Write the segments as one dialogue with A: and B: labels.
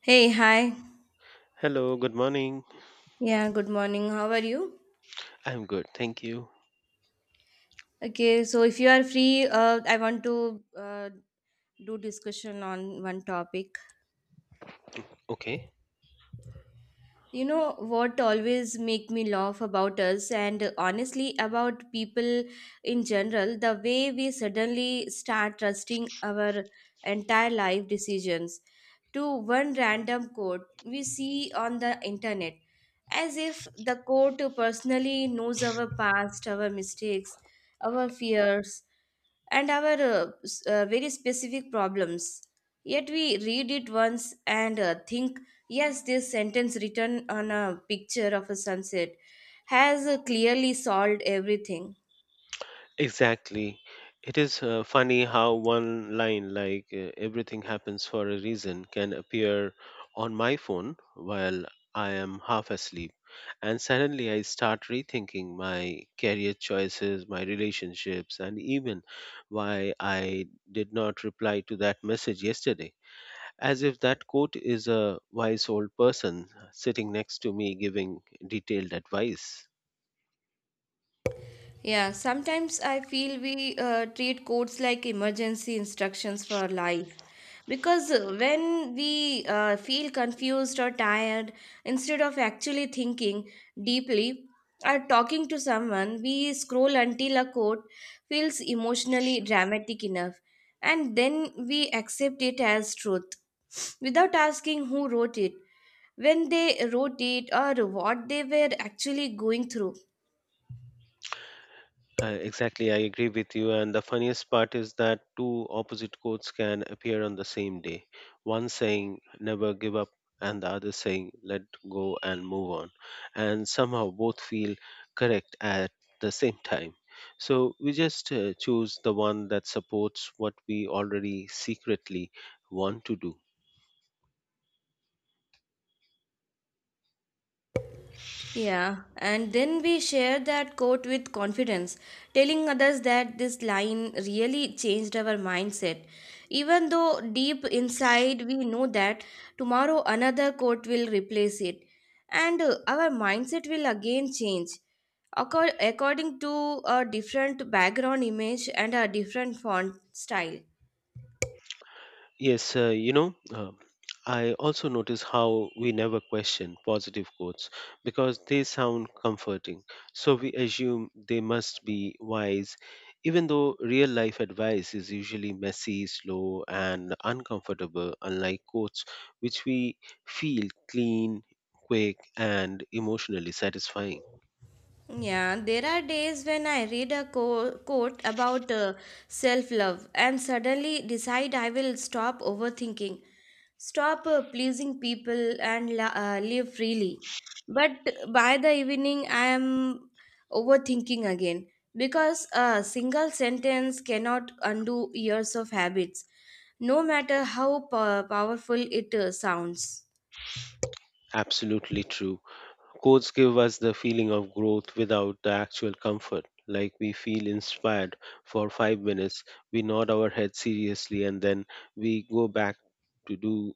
A: Hey, hi.
B: Hello, good morning.
A: Yeah, good morning. How are you?
B: I'm good, thank you.
A: Okay, so if you are free, I want to do discussion on one topic.
B: Okay,
A: You know what always make me laugh about us and honestly about people in general, the way we suddenly start trusting our entire life decisions to one random quote we see on the internet, as if the quote personally knows our past, our mistakes, our fears, and our very specific problems. Yet we read it once and think, yes, this sentence written on a picture of a sunset has clearly solved everything.
B: exactly. It is funny how one line like everything happens for a reason can appear on my phone while I am half asleep. And suddenly I start rethinking my career choices, my relationships, and even why I did not reply to that message yesterday. As if that quote is a wise old person sitting next to me giving detailed advice.
A: Yeah, sometimes I feel we treat codes like emergency instructions for life. Because when we feel confused or tired, instead of actually thinking deeply or talking to someone, we scroll until a code feels emotionally dramatic enough. And then we accept it as truth without asking who wrote it, when they wrote it, or what they were actually going through.
B: Exactly, I agree with you. And the funniest part is that two opposite quotes can appear on the same day. One saying, never give up, and the other saying, let go and move on. And somehow both feel correct at the same time. So we just choose the one that supports what we already secretly want to do.
A: Yeah, and then we share that quote with confidence, telling others that this line really changed our mindset. Even though deep inside we know that tomorrow another quote will replace it, and our mindset will again change according to a different background image and a different font style.
B: Yes, I also notice how we never question positive quotes because they sound comforting. So we assume they must be wise, even though real life advice is usually messy, slow, and uncomfortable, unlike quotes, which we feel clean, quick, and emotionally satisfying.
A: Yeah, there are days when I read a quote about self love and suddenly decide I will stop overthinking, stop pleasing people, and live freely. But by the evening, I am overthinking again because a single sentence cannot undo years of habits, no matter how powerful it sounds.
B: Absolutely true. Quotes give us the feeling of growth without the actual comfort. Like we feel inspired for 5 minutes, we nod our head seriously, and then we go back to do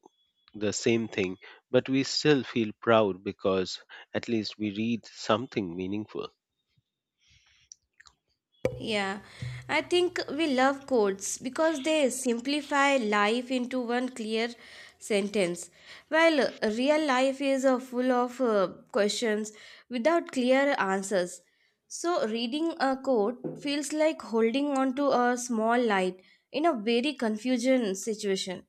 B: the same thing. But we still feel proud because at least we read something meaningful.
A: Yeah, I think we love codes because they simplify life into one clear sentence. While real life is full of questions without clear answers. So, reading a code feels like holding on to a small light in a very confusion situation.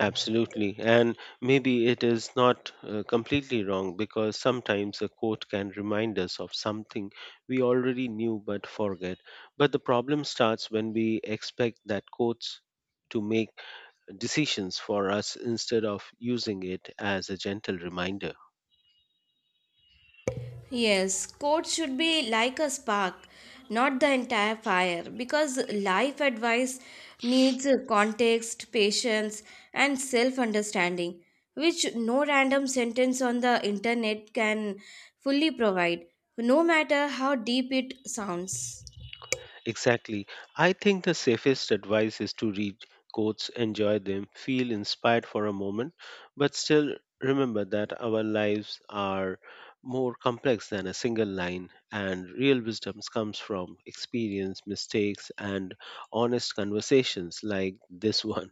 B: Absolutely. And maybe it is not completely wrong because sometimes a quote can remind us of something we already knew but forget. But the problem starts when we expect that quotes to make decisions for us instead of using it as a gentle reminder.
A: Yes, quotes should be like a spark, not the entire fire, because life advice needs context, patience, and self understanding, which no random sentence on the internet can fully provide, no matter how deep it sounds.
B: Exactly. I think the safest advice is to read quotes, enjoy them, feel inspired for a moment, but still remember that our lives are more complex than a single line, and real wisdom comes from experience, mistakes, and honest conversations like this one.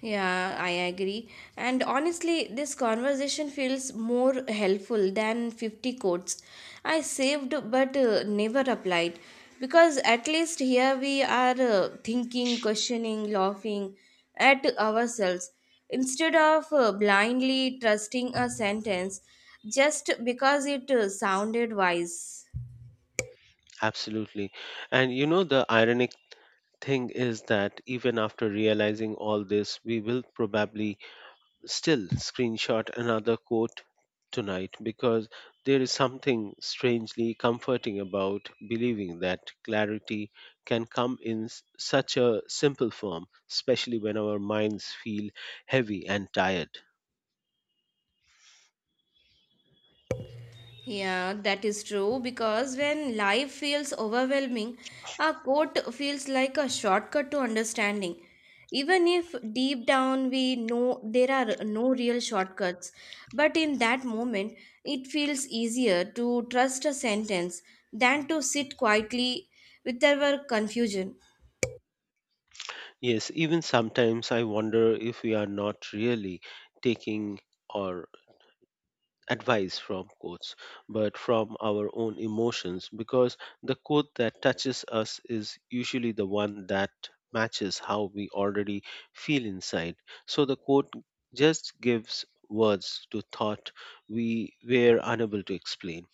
A: Yeah, I agree. And honestly, this conversation feels more helpful than 50 quotes I saved but never applied, because at least here we are thinking, questioning, laughing at ourselves instead of blindly trusting a sentence just because it sounded wise.
B: Absolutely. And you know, the ironic thing is that even after realizing all this, we will probably still screenshot another quote tonight because there is something strangely comforting about believing that clarity can come in such a simple form, especially when our minds feel heavy and tired.
A: Yeah, that is true because when life feels overwhelming, a quote feels like a shortcut to understanding. Even if deep down we know there are no real shortcuts, but in that moment it feels easier to trust a sentence than to sit quietly with our confusion.
B: Yes, even sometimes I wonder if we are not really taking or advice from quotes, but from our own emotions because the quote that touches us is usually the one that matches how we already feel inside. So the quote just gives words to thought we were unable to explain.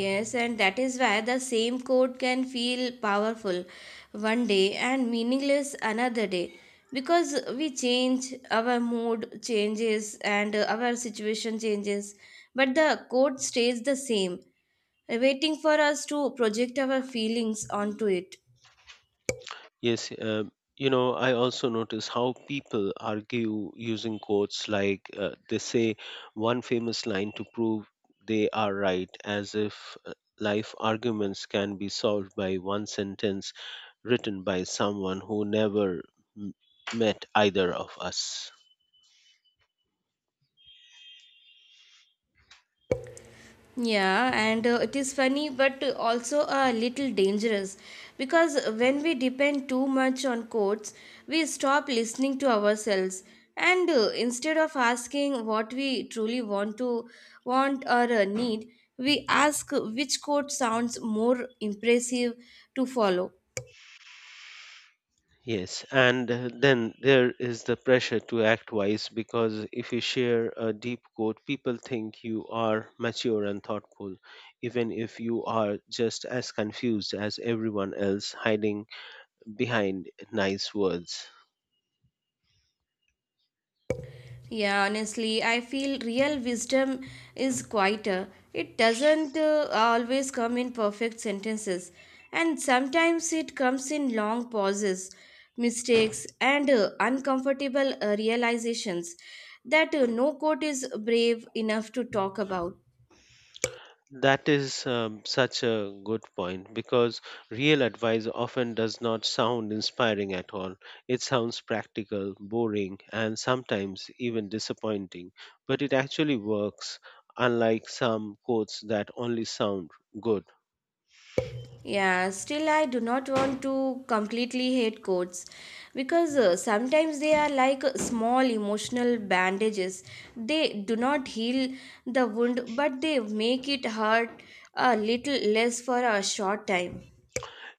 A: Yes, and that is why the same quote can feel powerful one day and meaningless another day because we change, our mood changes, and our situation changes, but the quote stays the same, waiting for us to project our feelings onto it.
B: Yes, I also notice how people argue using quotes like they say one famous line to prove they are right, as if life arguments can be solved by one sentence written by someone who never m- met either of us.
A: Yeah, and it is funny but also a little dangerous because when we depend too much on quotes, we stop listening to ourselves and instead of asking what we truly want or need, we ask which quote sounds more impressive to follow.
B: Yes, and then there is the pressure to act wise because if you share a deep quote, people think you are mature and thoughtful, even if you are just as confused as everyone else hiding behind nice words.
A: Yeah, honestly, I feel real wisdom is quieter. It doesn't always come in perfect sentences, and sometimes it comes in long pauses, mistakes, and uncomfortable realizations that no quote is brave enough to talk about.
B: That is such a good point because real advice often does not sound inspiring at all. It sounds practical, boring, and sometimes even disappointing, but it actually works, unlike some quotes that only sound good.
A: Yeah, still, I do not want to completely hate quotes because sometimes they are like small emotional bandages. They do not heal the wound, but they make it hurt a little less for a short time.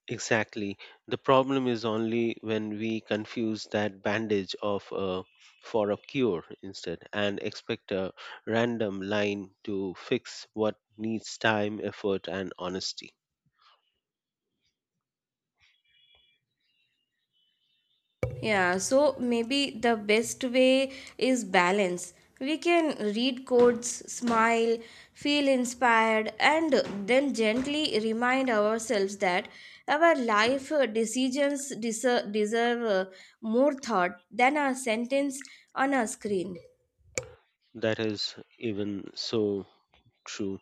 B: Exactly. The problem is only when we confuse that bandage of a, for a cure instead and expect a random line to fix what needs time, effort, and honesty.
A: Yeah, so maybe the best way is balance. We can read codes, smile, feel inspired, and then gently remind ourselves that our life decisions deserve more thought than a sentence on a screen.
B: That is even so true.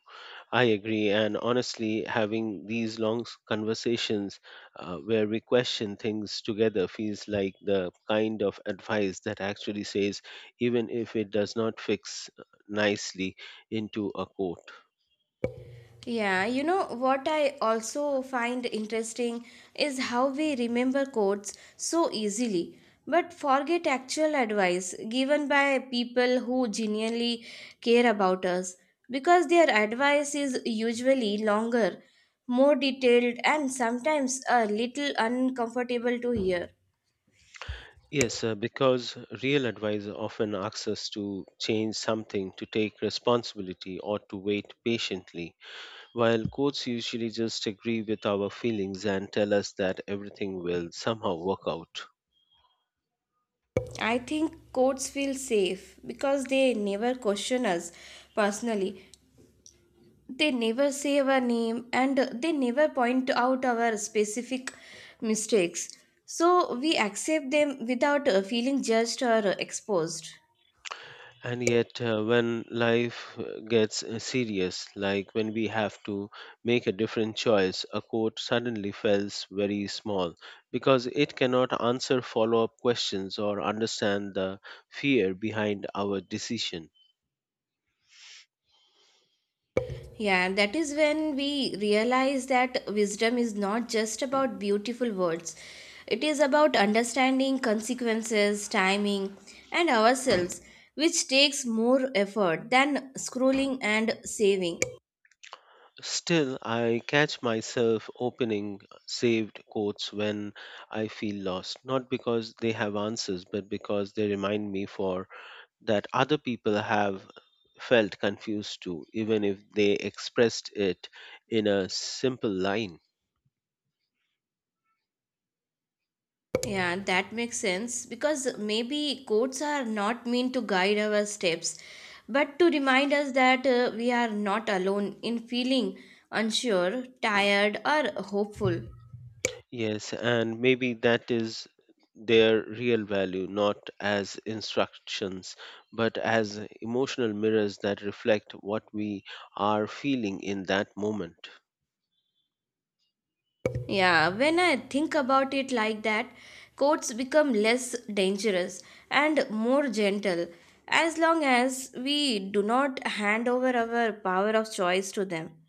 B: I agree. And honestly, having these long conversations where we question things together feels like the kind of advice that actually says, even if it does not fix nicely into a quote.
A: Yeah, you know what I also find interesting is how we remember quotes so easily but forget actual advice given by people who genuinely care about us because their advice is usually longer, more detailed, and sometimes a little uncomfortable to hear.
B: Yes, because real advice often asks us to change something, to take responsibility, or to wait patiently while courts usually just agree with our feelings and tell us that everything will somehow work out.
A: I think quotes feel safe because they never question us personally. They never say our name and they never point out our specific mistakes, so we accept them without feeling judged or exposed.
B: And yet, when life gets serious, like when we have to make a different choice, a court suddenly feels very small because it cannot answer follow up questions or understand the fear behind our decision.
A: Yeah, that is when we realize that wisdom is not just about beautiful words. It is about understanding consequences, timing, and ourselves, which takes more effort than scrolling and saving.
B: Still, I catch myself opening saved quotes when I feel lost, not because they have answers, but because they remind me for that other people have felt confused too, even if they expressed it in a simple line.
A: Yeah, that makes sense because maybe codes are not meant to guide our steps, but to remind us that we are not alone in feeling unsure, tired, or hopeful.
B: Yes, and maybe that is their real value, not as instructions, but as emotional mirrors that reflect what we are feeling in that moment.
A: Yeah, when I think about it like that, codes become less dangerous and more gentle as long as we do not hand over our power of choice to them.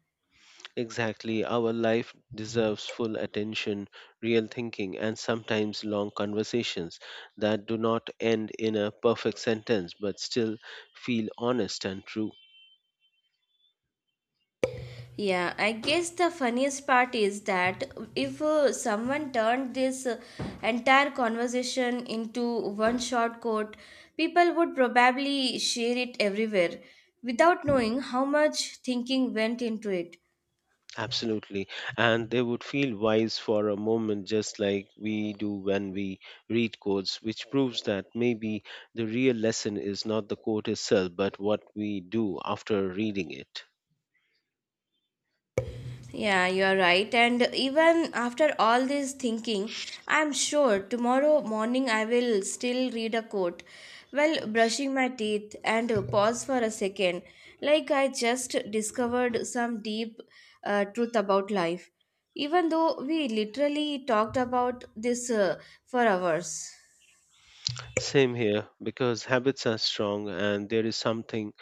B: Exactly. Our life deserves full attention, real thinking, and sometimes long conversations that do not end in a perfect sentence but still feel honest and true.
A: Yeah, I guess the funniest part is that if someone turned this entire conversation into one short quote, people would probably share it everywhere without knowing how much thinking went into it.
B: Absolutely. And they would feel wise for a moment, just like we do when we read quotes, which proves that maybe the real lesson is not the quote itself, but what we do after reading it.
A: Yeah, you are right. And even after all this thinking, I'm sure tomorrow morning I will still read a quote while brushing my teeth and pause for a second, like I just discovered some deep truth about life, even though we literally talked about this for hours.
B: Same here, because habits are strong, and there is something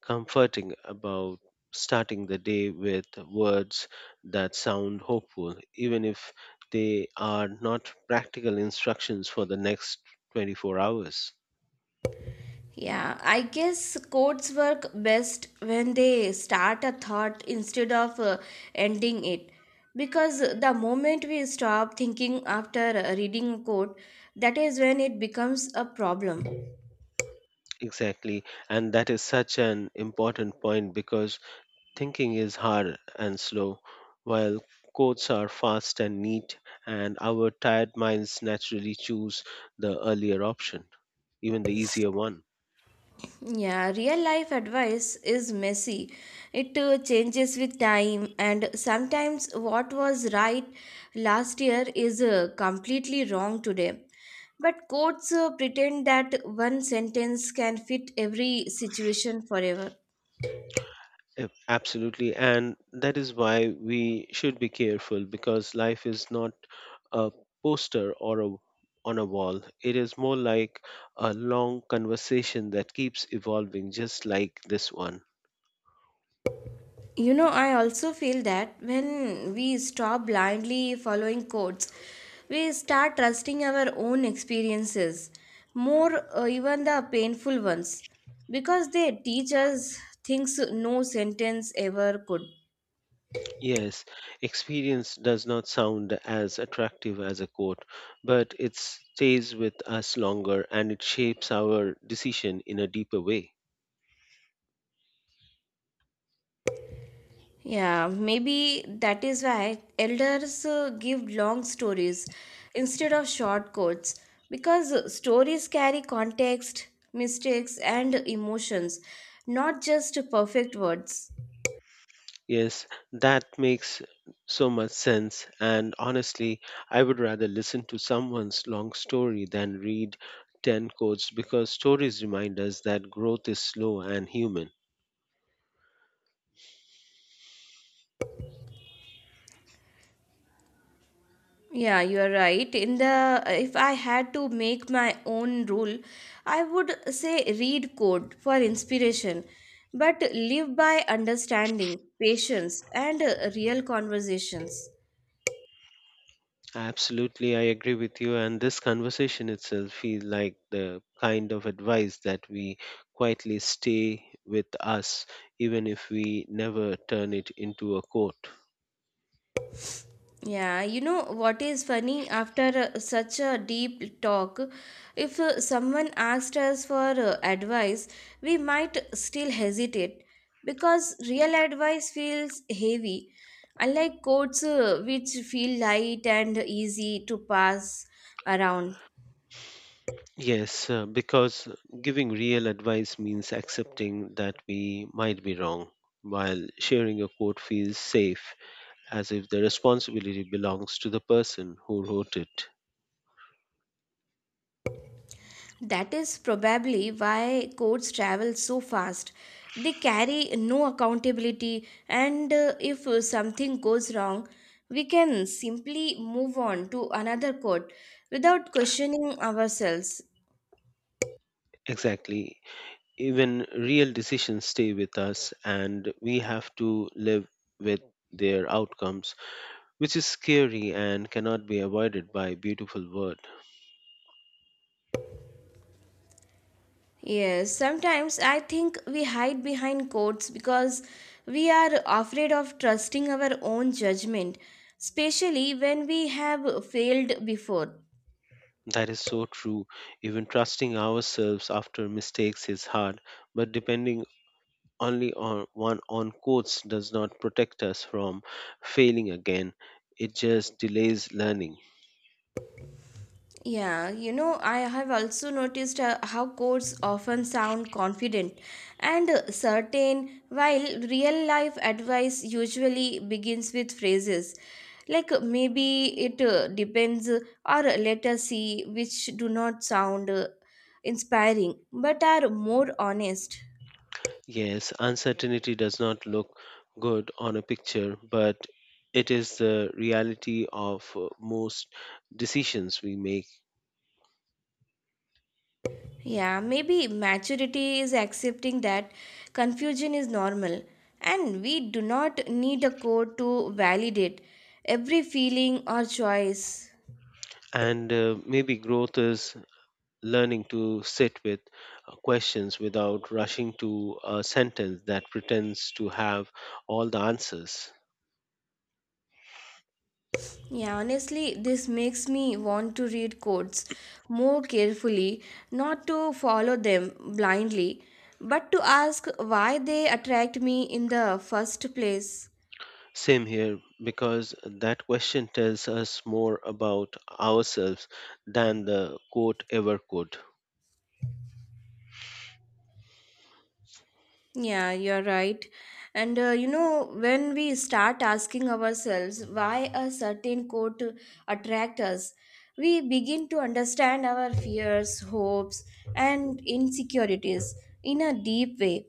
B: comforting about starting the day with words that sound hopeful, even if they are not practical instructions for the next 24 hours.
A: Yeah, I guess quotes work best when they start a thought instead of ending it. Because the moment we stop thinking after reading a quote, that is when it becomes a problem.
B: Exactly, and that is such an important point because thinking is hard and slow, while quotes are fast and neat, and our tired minds naturally choose the earlier option, even the easier one.
A: Yeah, real life advice is messy. It changes with time, and sometimes what was right last year is completely wrong today. But quotes pretend that one sentence can fit every situation forever.
B: Yep, absolutely. And that is why we should be careful because life is not a poster or a on a wall. It is more like a long conversation that keeps evolving, just like this one.
A: You know, I also feel that when we stop blindly following codes, we start trusting our own experiences more, even the painful ones, because they teach us things no sentence ever could.
B: Yes, experience does not sound as attractive as a quote, but it stays with us longer and it shapes our decision in a deeper way.
A: Yeah, maybe that is why elders give long stories instead of short quotes because stories carry context, mistakes, and emotions, not just perfect words.
B: Yes, that makes so much sense. And honestly, I would rather listen to someone's long story than read 10 quotes because stories remind us that growth is slow and human.
A: Yeah, you are right. In the if I had to make my own rule, I would say read code for inspiration, but live by understanding, patience, and real conversations.
B: Absolutely, I agree with you. And this conversation itself feels like the kind of advice that we quietly stay with us, even if we never turn it into a quote.
A: Yeah, you know what is funny? After such a deep talk, if someone asked us for advice, we might still hesitate because real advice feels heavy, unlike quotes which feel light and easy to pass around.
B: Yes, because giving real advice means accepting that we might be wrong, while sharing a quote feels safe, as if the responsibility belongs to the person who wrote it.
A: That is probably why courts travel so fast. They carry no accountability, and if something goes wrong, we can simply move on to another court without questioning ourselves.
B: Exactly. Even real decisions stay with us, and we have to live with their outcomes, which is scary and cannot be avoided by a beautiful word.
A: Yes, sometimes I think we hide behind courts because we are afraid of trusting our own judgment, especially when we have failed before.
B: That is so true. Even trusting ourselves after mistakes is hard, but depending only on one on course does not protect us from failing again, it just delays learning.
A: Yeah, you know, I have also noticed how quotes often sound confident and certain, while real life advice usually begins with phrases like maybe it depends, or let us see, which do not sound inspiring but are more honest.
B: Yes, uncertainty does not look good on a picture, but it is the reality of most decisions we make.
A: Yeah, maybe maturity is accepting that confusion is normal and we do not need a code to validate every feeling or choice.
B: And maybe growth is learning to sit with questions without rushing to a sentence that pretends to have all the answers.
A: Yeah, honestly, this makes me want to read codes more carefully, not to follow them blindly, but to ask why they attract me in the first place.
B: Same here, because that question tells us more about ourselves than the quote ever could.
A: Yeah, you're right. And you know, when we start asking ourselves why a certain quote attracts us, we begin to understand our fears, hopes, and insecurities in a deep way,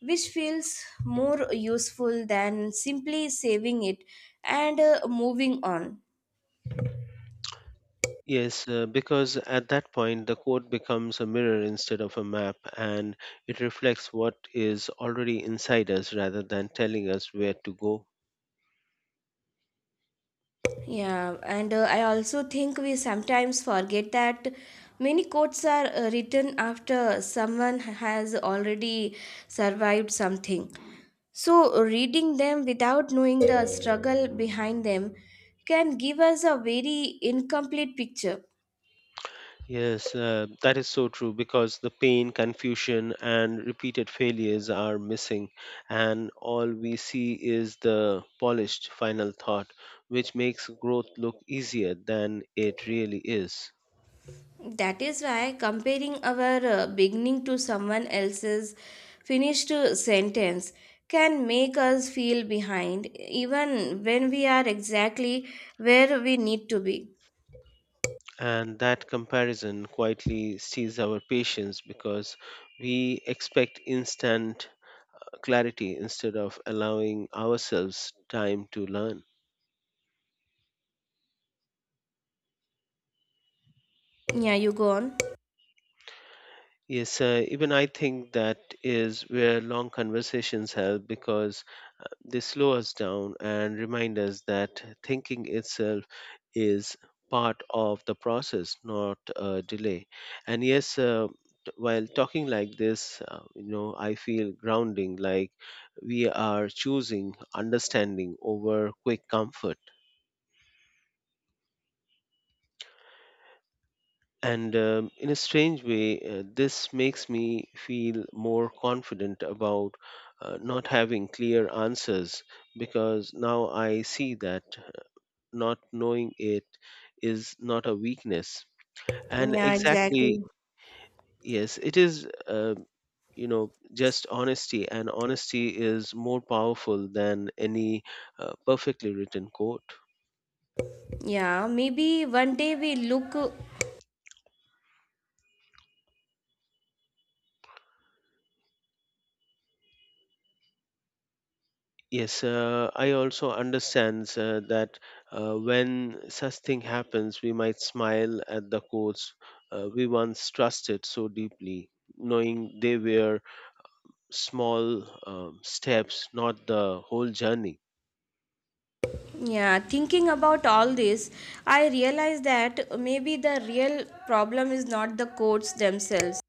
A: which feels more useful than simply saving it and moving on.
B: Yes, because at that point the quote becomes a mirror instead of a map and it reflects what is already inside us rather than telling us where to go.
A: Yeah, and I also think we sometimes forget that many quotes are written after someone has already survived something. So, reading them without knowing the struggle behind them can give us a very incomplete picture.
B: Yes, that is so true because the pain, confusion, and repeated failures are missing, and all we see is the polished final thought, which makes growth look easier than it really is.
A: That is why comparing our beginning to someone else's finished sentence can make us feel behind, even when we are exactly where we need to be.
B: And that comparison quietly steals our patience because we expect instant clarity instead of allowing ourselves time to learn.
A: Yeah, you go on.
B: Yes, even I think that is where long conversations help because they slow us down and remind us that thinking itself is part of the process, not a delay. And yes, while talking like this, I feel grounding, like we are choosing understanding over quick comfort. And in a strange way, this makes me feel more confident about not having clear answers because now I see that not knowing it is not a weakness. And
A: Yeah,
B: exactly,
A: exactly.
B: yes, it is, just honesty. And honesty is more powerful than any perfectly written quote.
A: Yeah, maybe one day we look.
B: Yes, I also understand that when such thing happens, we might smile at the quotes we once trusted so deeply, knowing they were small steps, not the whole journey.
A: Yeah, thinking about all this, I realize that maybe the real problem is not the quotes themselves.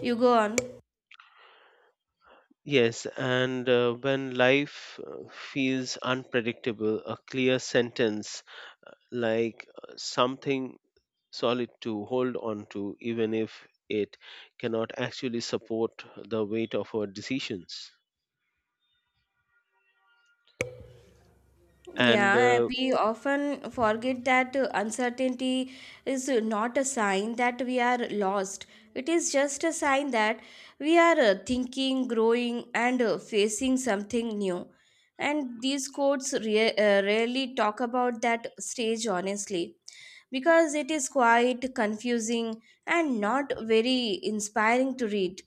A: You go on.
B: Yes, and when life feels unpredictable, a clear sentence like something solid to hold on to, even if it cannot actually support the weight of our decisions. And
A: Yeah,
B: uh,
A: we often forget that uncertainty is not a sign that we are lost. It is just a sign that we are thinking, growing, and facing something new. And these quotes rarely talk about that stage honestly because it is quite confusing and not very inspiring to read.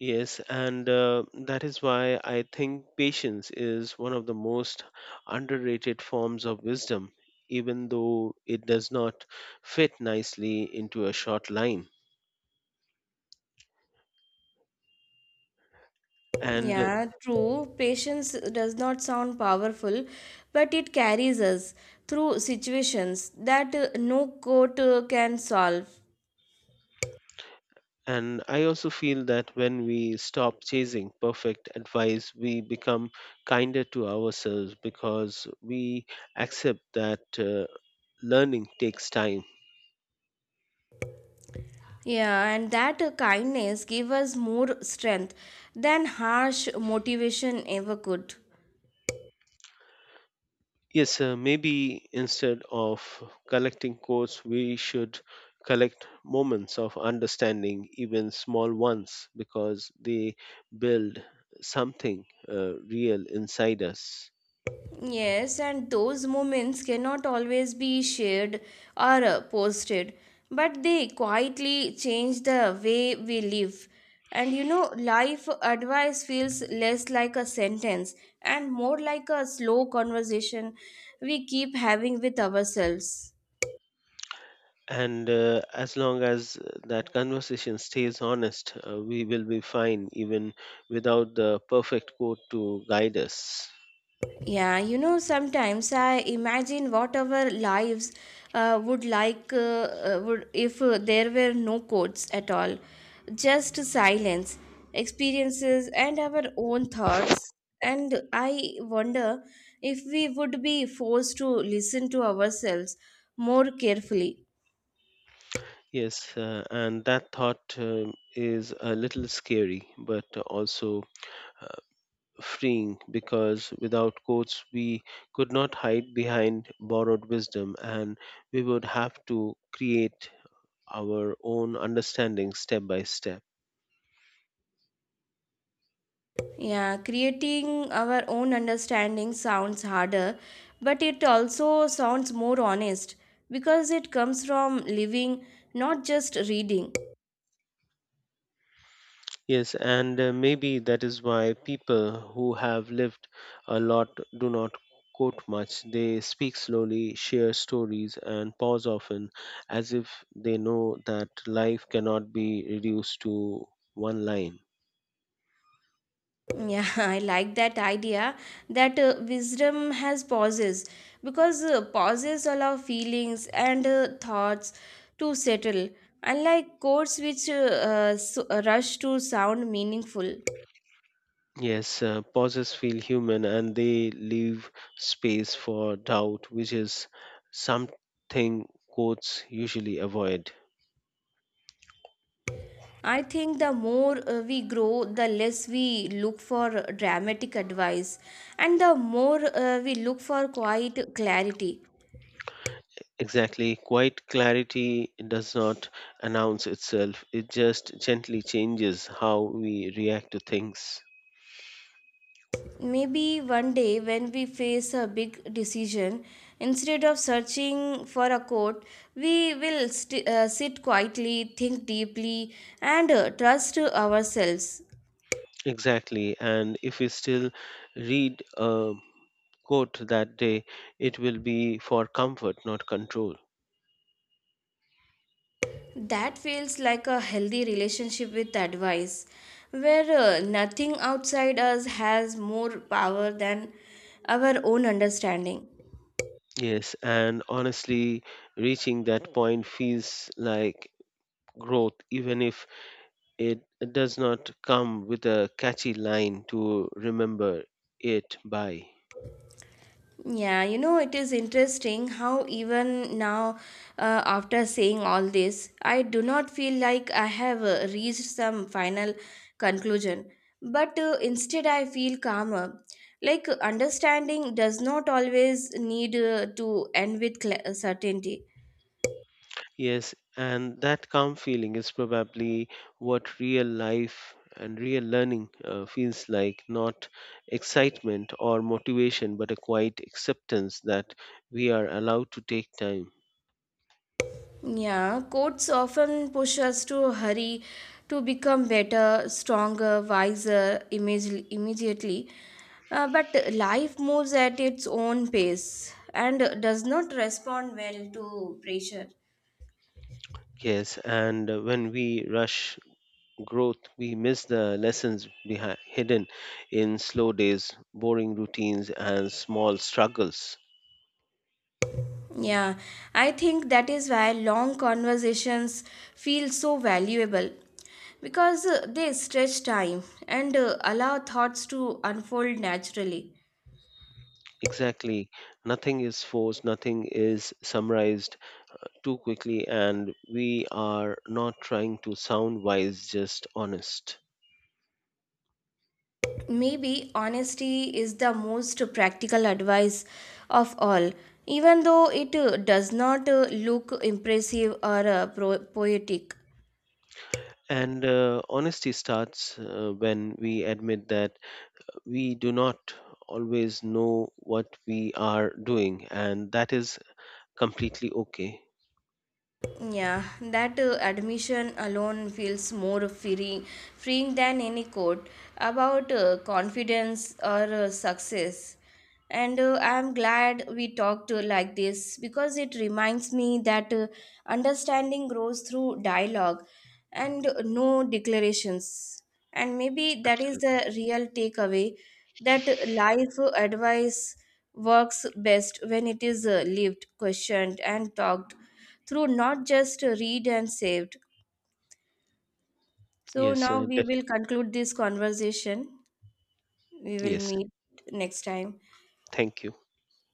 B: yes, and that is why I think patience is one of the most underrated forms of wisdom, even though it does not fit nicely into a short line. And uh,
A: Yeah, true. Patience does not sound powerful, but it carries us through situations that no court can solve.
B: And I also feel that when we stop chasing perfect advice, we become kinder to ourselves because we accept that learning takes time.
A: Yeah, and that kindness gave us more strength than harsh motivation ever could.
B: Yes, maybe instead of collecting quotes, we should collect moments of understanding, even small ones, because they build something real inside us.
A: Yes, and those moments cannot always be shared or posted, but they quietly change the way we live. And you know, life advice feels less like a sentence and more like a slow conversation we keep having with ourselves.
B: And as long as that conversation stays honest, we will be fine even without the perfect quote to guide us.
A: Yeah, you know, sometimes I imagine what our lives would if there were no codes at all, just silence, experiences, and our own thoughts. And I wonder if we would be forced to listen to ourselves more carefully.
B: Yes, and that thought is a little scary but also uh, freeing because without quotes we could not hide behind borrowed wisdom, and we would have to create our own understanding step by step.
A: Yeah, creating our own understanding sounds harder, but it also sounds more honest because it comes from living, not just reading.
B: Yes, and maybe that is why people who have lived a lot do not quote much. They speak slowly, share stories, and pause often as if they know that life cannot be reduced to one line.
A: Yeah, I like that idea that wisdom has pauses because pauses allow feelings and thoughts to settle, unlike codes which rush to sound meaningful.
B: Yes, pauses feel human and they leave space for doubt, which is something quotes usually avoid.
A: I think the more we grow, the less we look for dramatic advice, and the more we look for quiet clarity.
B: Exactly. Quiet clarity does not announce itself, it just gently changes how we react to things.
A: Maybe one day, when we face a big decision, instead of searching for a quote, we will sit quietly, think deeply, and trust ourselves.
B: Exactly. And if we still read a quote that day, it will be for comfort, not control.
A: That feels like a healthy relationship with advice, where nothing outside us has more power than our own understanding.
B: Yes. And honestly, reaching that point feels like growth, even if it does not come with a catchy line to remember it by.
A: Yeah, you know, it is interesting how even now, after saying all this, I do not feel like I have reached some final conclusion. But instead, I feel calmer. Like, understanding does not always need to end with certainty.
B: Yes, and that calm feeling is probably what real life and real learning feels like, not excitement or motivation, but a quiet acceptance that we are allowed to take time.
A: Yeah, quotes often push us to hurry to become better, stronger, wiser, immediately. But life moves at its own pace and does not respond well to pressure.
B: Yes, and when we rush growth, we miss the lessons behind, hidden in slow days, boring routines, and small struggles.
A: Yeah, I think that is why long conversations feel so valuable because they stretch time and allow thoughts to unfold naturally.
B: Exactly. Nothing is forced, nothing is summarized too quickly, and we are not trying to sound wise, just honest.
A: But maybe honesty is the most practical advice of all, even though it does not look impressive or poetic.
B: And honesty starts when we admit that we do not always know what we are doing, and that is completely okay.
A: Yeah, that admission alone feels more freeing than any quote about confidence or success. And I'm glad we talked like this because it reminds me that understanding grows through dialogue and no declarations. And maybe that is
B: Absolutely.
A: the real takeaway that life advice works best when it is lived, questioned, and talked through, not just read and saved. So
B: Yes,
A: now
B: uh,
A: we
B: def-
A: will conclude this conversation. We will
B: Yes.
A: meet next time.
B: Thank you.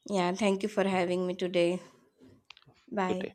A: Yeah, thank you for having me today.
B: Good
A: Bye.
B: day.